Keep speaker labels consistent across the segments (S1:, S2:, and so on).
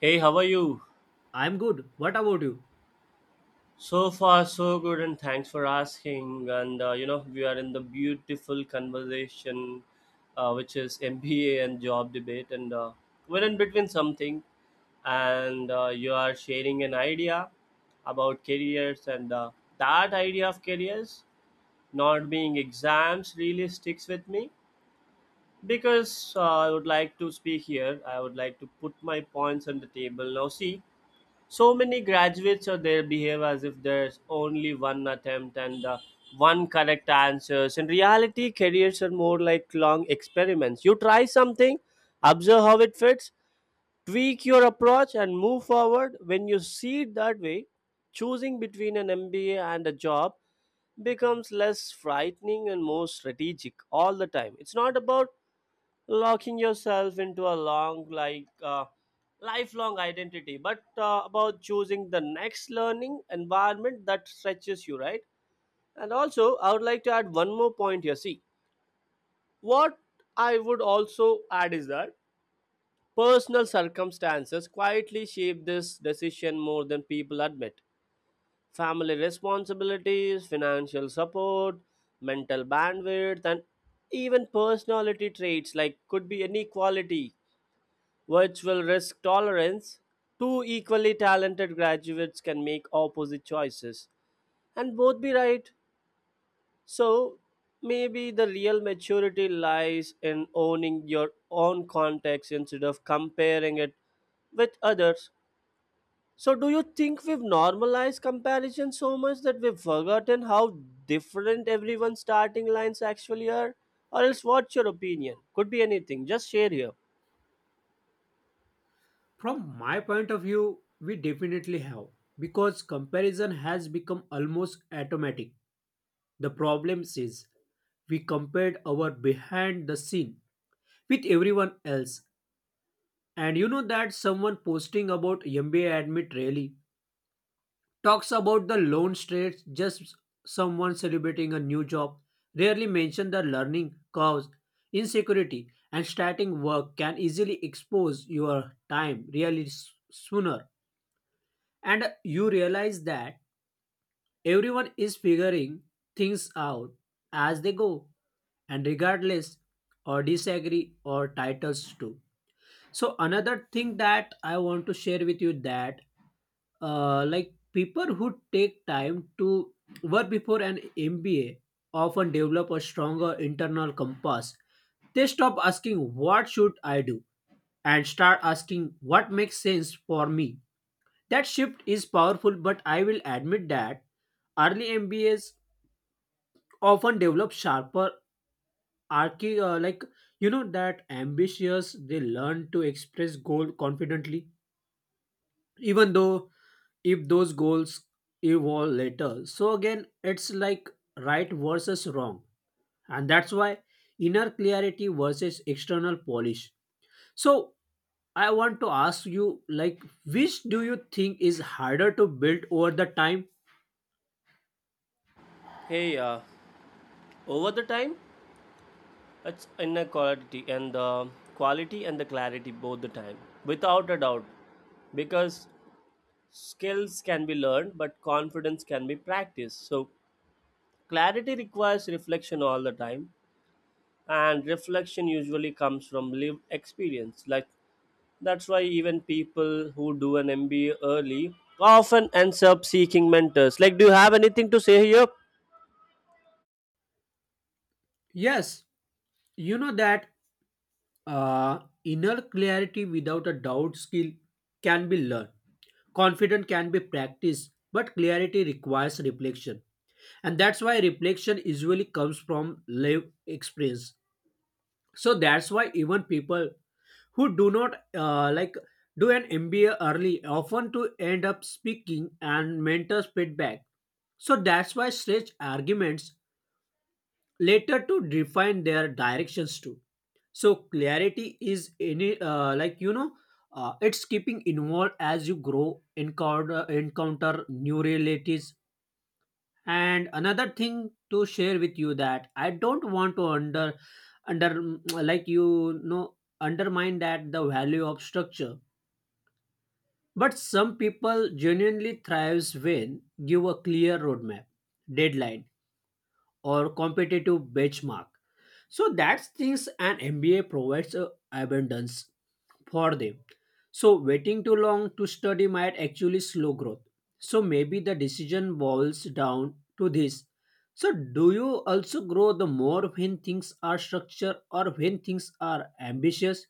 S1: Hey, how are you?
S2: I'm good. What about you?
S1: So far, so good, and thanks for asking. And we are in the beautiful conversation, which is MBA and job debate, and we're in between something, and you are sharing an idea about careers, and that idea of careers not being exams really sticks with me because I would like to speak here. I would like to put my points on the table. Now, see, so many graduates, or they behave as if there's only one attempt and the one correct answers. In reality, careers are more like long experiments. You try something, observe how it fits, tweak your approach and move forward. When you see it that way, choosing between an mba and a job becomes less frightening and more strategic all the time. It's not about locking yourself into a long lifelong identity, but about choosing the next learning environment that stretches you, right? And also, I would like to add one more point here. See what I would also add is that personal circumstances quietly shape this decision more than people admit. Family responsibilities, financial support, mental bandwidth, and even personality traits, like could be inequality, which will risk tolerance. Two equally talented graduates can make opposite choices and both be right. So maybe the real maturity lies in owning your own context instead of comparing it with others. So, do you think we've normalized comparison so much that we've forgotten how different everyone's starting lines actually are? Or else, what's your opinion? Could be anything. Just share here.
S2: From my point of view, we definitely have because comparison has become almost automatic. The problem is we compared our behind the scene with everyone else. And you know that someone posting about MBA admit really talks about the loan straits, just someone celebrating a new job, rarely mention the learning curves, insecurity, and starting work can easily expose your time really sooner. And you realize that everyone is figuring things out as they go, and regardless or disagree or titles too. So another thing that I want to share with you that people who take time to work before an MBA often develop a stronger internal compass. They stop asking what should I do and start asking what makes sense for me. That shift is powerful, but I will admit that early MBAs often develop sharper archi like you know that ambitious, they learn to express goal confidently even though if those goals evolve later. So again, it's like right versus wrong. And that's why inner clarity versus external polish. So I want to ask you like which do you think is harder to build over the time?
S1: Hey, uh, Over the time? It's inner quality and the clarity both the time, without a doubt. Because skills can be learned, but confidence can be practiced. So clarity requires reflection all the time, and reflection usually comes from lived experience. Like, that's why even people who do an MBA early often ends up seeking mentors. Like, do you have anything to say here?
S2: Yes, you know that uh, inner clarity, without a doubt, skill can be learned. Confidence can be practiced, but clarity requires reflection. And that's why reflection usually comes from live experience. So that's why even people who do not do an MBA early often to end up speaking and mentors feedback. So that's why stretch arguments later to define their directions too. So clarity is any it's keeping involved as you grow, encounter new realities. And another thing to share with you that I don't want to under mm, undermine that the value of structure, but some people genuinely thrives when give a clear roadmap, deadline, or competitive benchmark. So that's things an MBA provides a abundance for them. So waiting too long to study might actually slow growth. So maybe the decision boils down to this. So do you also grow the more when things are structured or when things are ambitious?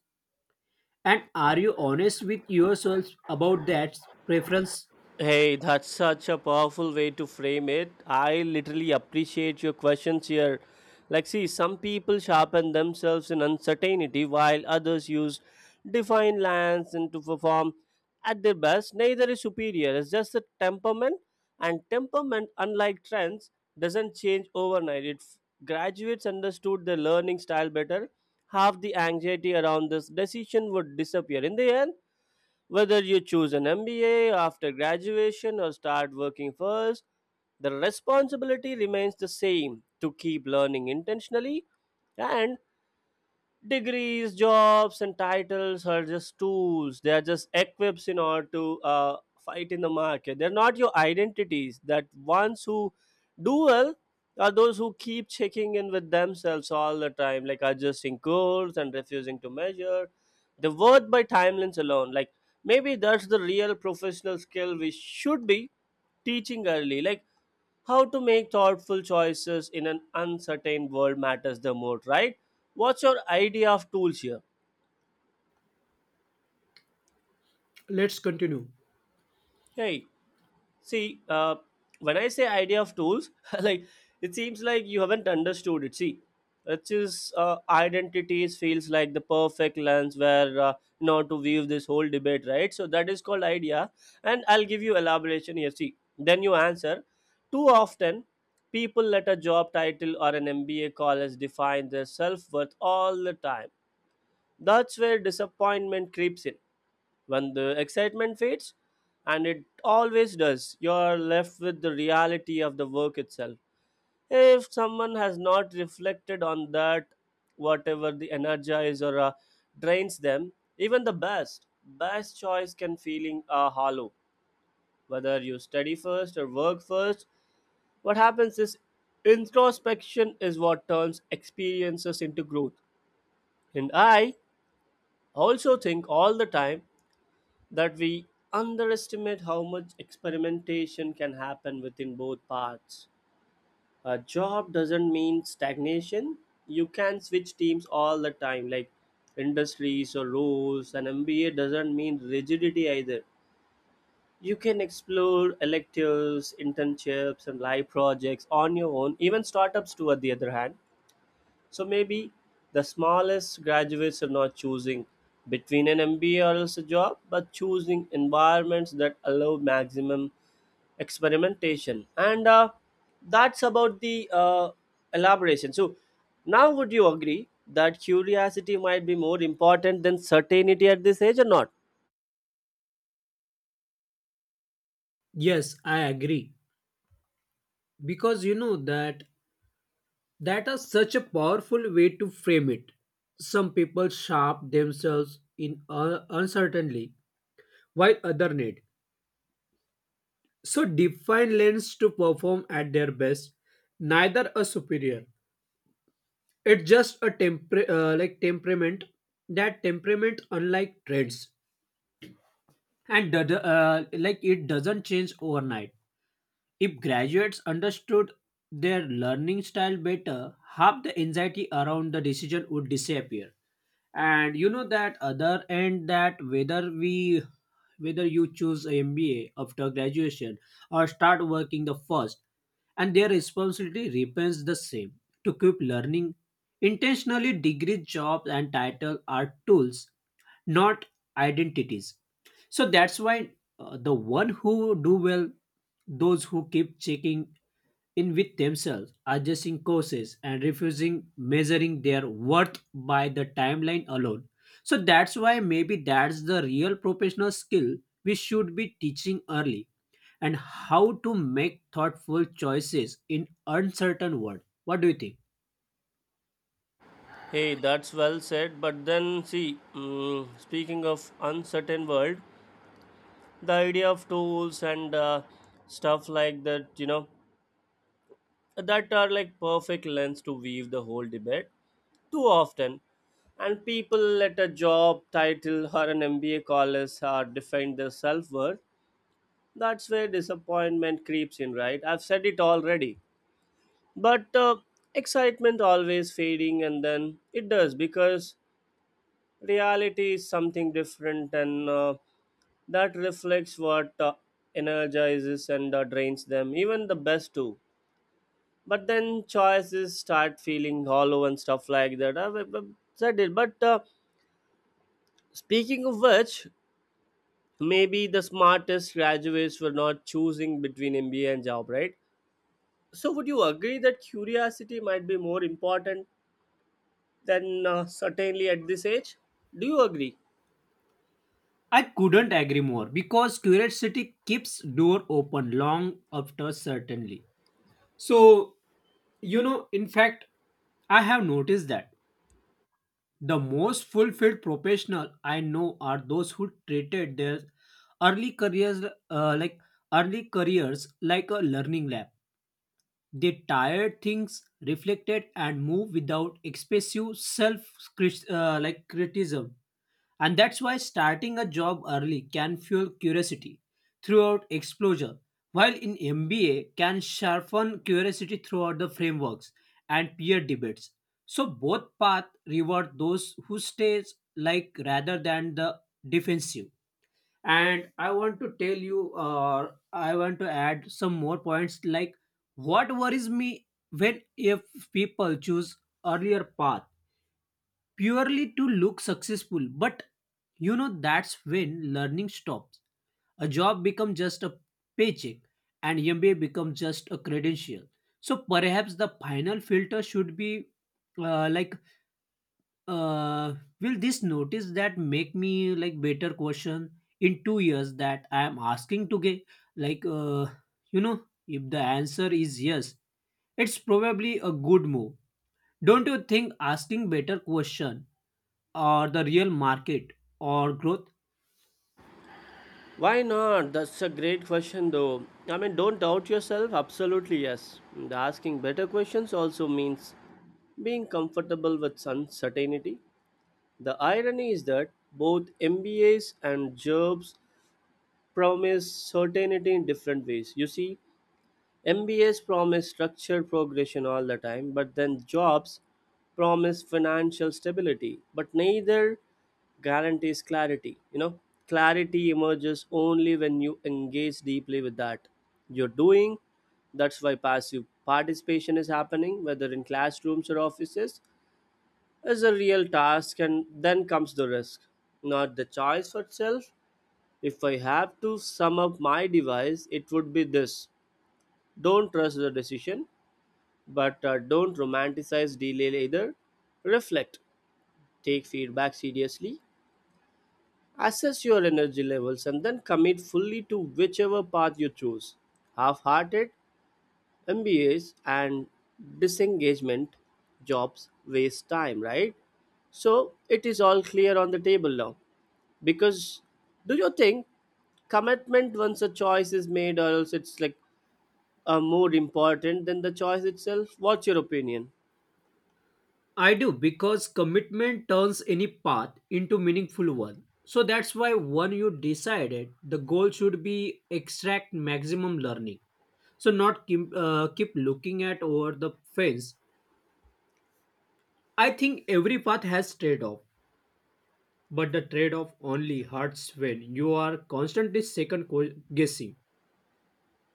S2: And are you honest with yourself about that preference?
S1: Hey, that's such a powerful way to frame it. I literally appreciate your questions here. Like, see, some people sharpen themselves in uncertainty while others use defined lines and to perform at their best. Neither is superior, it's just the temperament. And temperament, unlike trends, doesn't change overnight. Graduates understood their learning style better. Half the anxiety around this decision would disappear. In the end, whether you choose an MBA after graduation or start working first, the responsibility remains the same to keep learning intentionally. And degrees, jobs, and titles are just tools. They are just equips in order to fight in the market. They're not your identities. That ones who do well are those who keep checking in with themselves all the time, like adjusting course and refusing to measure the worth by timelines alone. Like, maybe that's the real professional skill we should be teaching early. Like, how to make thoughtful choices in an uncertain world matters the most, right? What's your idea of tools here?
S2: Let's continue.
S1: Hey. See, when I say idea of tools, like, it seems like you haven't understood it. See, which is identities feels like the perfect lens where to weave this whole debate, right? So that is called idea, and I'll give you elaboration here. See, then you answer. Too often, people let a job title or an MBA call as define their self worth all the time. That's where disappointment creeps in when the excitement fades, and it always does, you are left with the reality of the work itself. If someone has not reflected on that, whatever the energize or drains them, even the best, best choice can feeling hollow. Whether you study first or work first, what happens is introspection is what turns experiences into growth. And I also think all the time that we underestimate how much experimentation can happen within both parts. A job doesn't mean stagnation. You can switch teams all the time, like industries or roles. An MBA doesn't mean rigidity either. You can explore electives, internships, and live projects on your own, even startups, too, at the other hand. So maybe the smallest graduates are not choosing between an MBA or else a job, but choosing environments that allow maximum experimentation. And that's about the elaboration. So now, would you agree that curiosity might be more important than certainty at this age or not?
S2: Yes, I agree. Because that is such a powerful way to frame it. Some people sharp themselves in uncertainty, while others need. So define lens to perform at their best. Neither a superior. It's just a temperament. That temperament, unlike trends, and the, like it doesn't change overnight. If graduates understood their learning style better, half the anxiety around the decision would disappear. And you know that other end, that whether you choose MBA after graduation or start working the first, and their responsibility remains the same, to keep learning intentionally. Degree, jobs, and title are tools, not identities. So that's why the one who do well, those who keep checking in with themselves, adjusting courses and refusing measuring their worth by the timeline alone. So that's why maybe that's the real professional skill we should be teaching early, and how to make thoughtful choices in uncertain world. What do you think?
S1: Hey, that's well said. But then, see, mm, speaking of uncertain world, the idea of tools and stuff like that, you know, that are like perfect lens to weave the whole debate. Too often, and people let a job title or an mba college or define their self-worth. That's where disappointment creeps in, right? I've said it already, but excitement always fading, and then it does because reality is something different, and that reflects what energizes and drains them even the best too. But then choices start feeling hollow and stuff like that. Said it. But speaking of which, maybe the smartest graduates were not choosing between MBA and job, right? So would you agree that curiosity might be more important than certainly at this age? Do you agree?
S2: I couldn't agree more because curiosity keeps door open long after certainly. So you know, in fact, I have noticed that the most fulfilled professional I know are those who treated their early careers uh, like early careers like a learning lab. They tired things, reflected, and moved without expressive self like criticism. And that's why starting a job early can fuel curiosity throughout exposure, while in MBA can sharpen curiosity throughout the frameworks and peer debates. So both paths reward those who stay, like, rather than the defensive. And I want to tell you, or I want to add some more points, like what worries me when if people choose earlier path purely to look successful. But you know, that's when learning stops. A job becomes just a paycheck, and MBA becomes just a credential. So perhaps the final filter should be uh, like, uh, will this notice that make me like better question in 2 years that I am asking to get? Like, you know, if the answer is yes, it's probably a good move. Don't you think asking better question or the real market or growth?
S1: Why not? That's a great question, though. I mean, don't doubt yourself. Absolutely, yes. And asking better questions also means being comfortable with uncertainty. The irony is that both MBAs and jobs promise certainty in different ways. You see, MBAs promise structured progression all the time, but then jobs promise financial stability, but neither guarantees clarity. You know, clarity emerges only when you engage deeply with that you're doing. That's why passive participation is happening, whether in classrooms or offices, is a real task. And then comes the risk, not the choice for itself. If I have to sum up my device, it would be this. Don't trust the decision, but don't romanticize delay either. Reflect, take feedback seriously, assess your energy levels, and then commit fully to whichever path you choose. Half-hearted mbas and disengagement jobs waste time, right? So it is all clear on the table now. Because, do you think commitment once a choice is made or else it's like a more important than the choice itself? What's your opinion?
S2: I do because commitment turns any path into meaningful one. So that's why when you decided the goal should be extract maximum learning. So not keep looking at over the fence. I think every path has trade-off, but the trade-off only hurts when you are constantly guessing.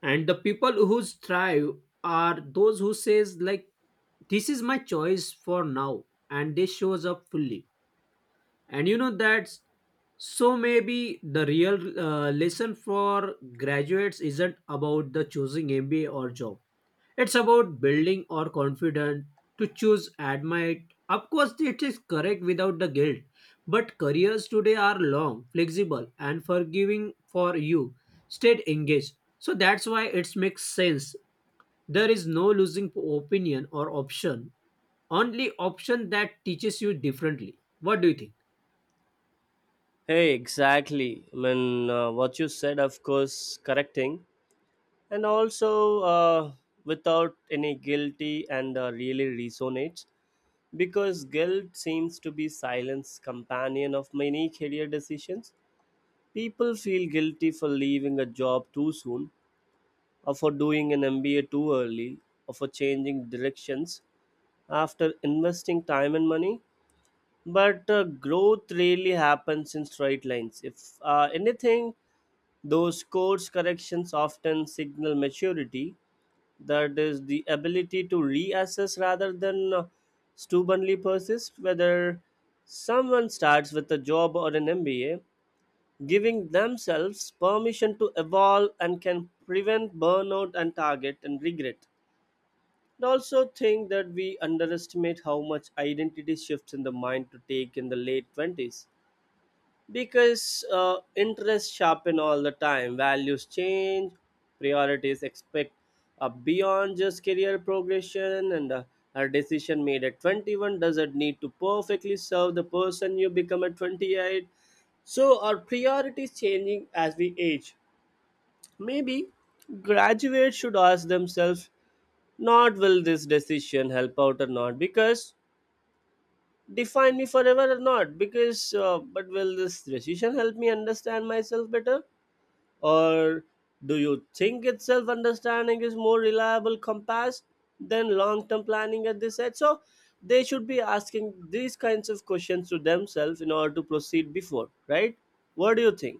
S2: And the people who thrive are those who says like this is my choice for now, and they shows up fully. And you know that's, so maybe the real lesson for graduates isn't about the choosing MBA or job, it's about building or confident to choose admit, of course it is correct, without the guilt. But careers today are long, flexible, and forgiving. For you, stay engaged, so that's why it makes sense. There is no losing opinion or option, only option that teaches you differently. What do you think?
S1: Hey, exactly. I mean, what you said, of course, correcting. And also, without any guilty and really resonates, because guilt seems to be silence companion of many career decisions. People feel guilty for leaving a job too soon, or for doing an MBA too early, or for changing directions after investing time and money. But growth rarely happens in straight lines. If anything, those course corrections often signal maturity, that is, the ability to reassess rather than stubbornly persist. Whether someone starts with a job or an MBA, giving themselves permission to evolve and can prevent burnout and target and regret. I also think that we underestimate how much identity shifts in the mind to take in the late 20s because interests sharpen all the time, values change, priorities expect beyond just career progression, and a decision made at 21 doesn't need to perfectly serve the person you become at 28. So our priorities changing as we age. Maybe graduates should ask themselves not will this decision help out or not because define me forever or not because but will this decision help me understand myself better? Or do you think itself understanding is more reliable compass than long term planning at this age? So they should be asking these kinds of questions to themselves in order to proceed before, right? What do you think?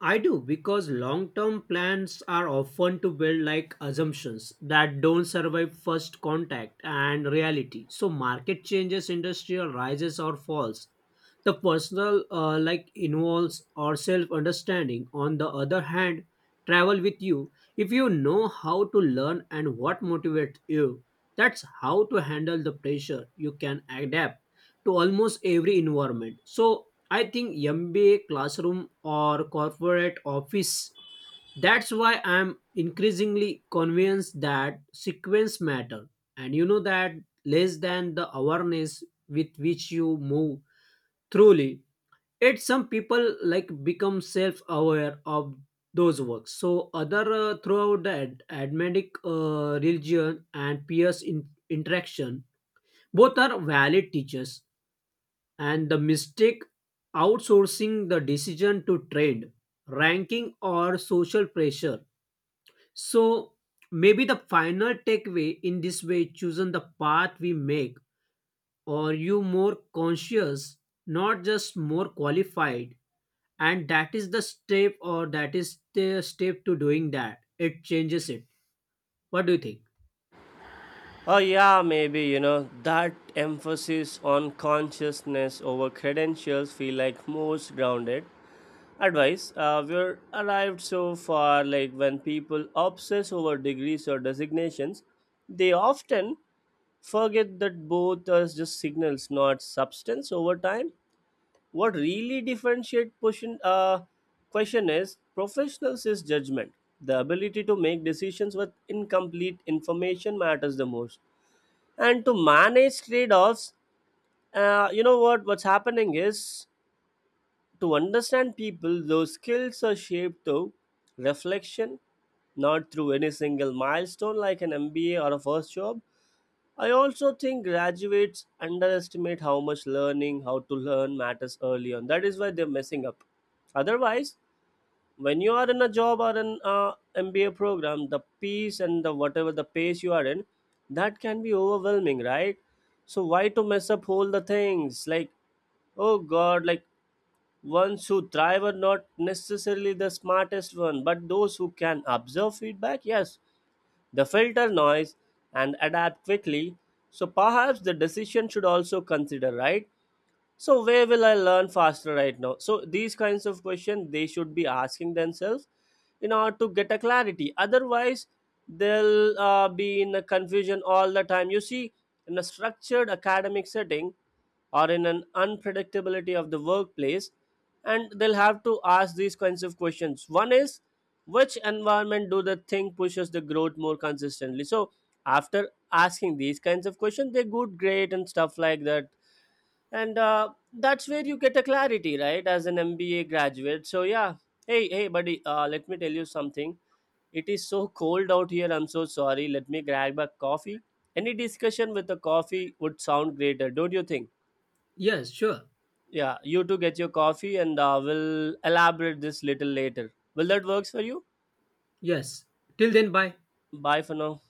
S2: I do because long term plans are often to build like assumptions that don't survive first contact and reality. So, market changes, industrial rises or falls, the personal involves or self-understanding. On the other hand, travel with you. If you know how to learn and what motivates you, that's how to handle the pressure. You can adapt to almost every environment. So I think MBA classroom or corporate office. That's why I'm increasingly convinced that sequence matter. And you know that less than the awareness with which you move truly. Yet some people like become self-aware of those works. So other throughout the admetic religion and peers interaction, both are valid teachers. And the mistake outsourcing the decision to trend, ranking, or social pressure. So maybe the final takeaway in this way, choosing the path we make, or you more conscious, not just more qualified. And that is the step, or that is the step to doing that it changes it. What do you think?
S1: Oh, yeah, maybe, you know, that emphasis on consciousness over credentials feel like most grounded advice we're arrived so far. Like, when people obsess over degrees or designations, they often forget that both are just signals, not substance over time. What really differentiate question question is professionals is judgment. The ability to make decisions with incomplete information matters the most, and to manage trade-offs. What what's happening is to understand people. Those skills are shaped through reflection, not through any single milestone like an MBA or a first job. I also think graduates underestimate how much learning, how to learn matters early on. That is why they're messing up. Otherwise, when you are in a job or an MBA program, the peace and the whatever the pace you are in, that can be overwhelming, right? So why to mess up all the things? Like, oh God, like, ones who thrive are not necessarily the smartest one, but those who can observe feedback, yes, they filter noise and adapt quickly. So perhaps the decision should also consider, right? So where will I learn faster right now? So these kinds of questions they should be asking themselves in order to get a clarity. Otherwise, they'll be in a confusion all the time, you see. In a structured academic setting or in an unpredictability of the workplace, and they'll have to ask these kinds of questions. One is, which environment do they think pushes the growth more consistently? So after asking these kinds of questions, they good grade and stuff like that, and that's where you get a clarity, right? As an mba graduate, so yeah. Hey, hey buddy, let me tell you something. It is so cold out here, I'm so sorry. Let me grab a coffee. Any discussion with a coffee would sound greater, don't you think?
S2: Yes, sure.
S1: Yeah, you two get your coffee, and we'll elaborate this little later. Will that works for you?
S2: Yes. Till then, bye.
S1: Bye for now.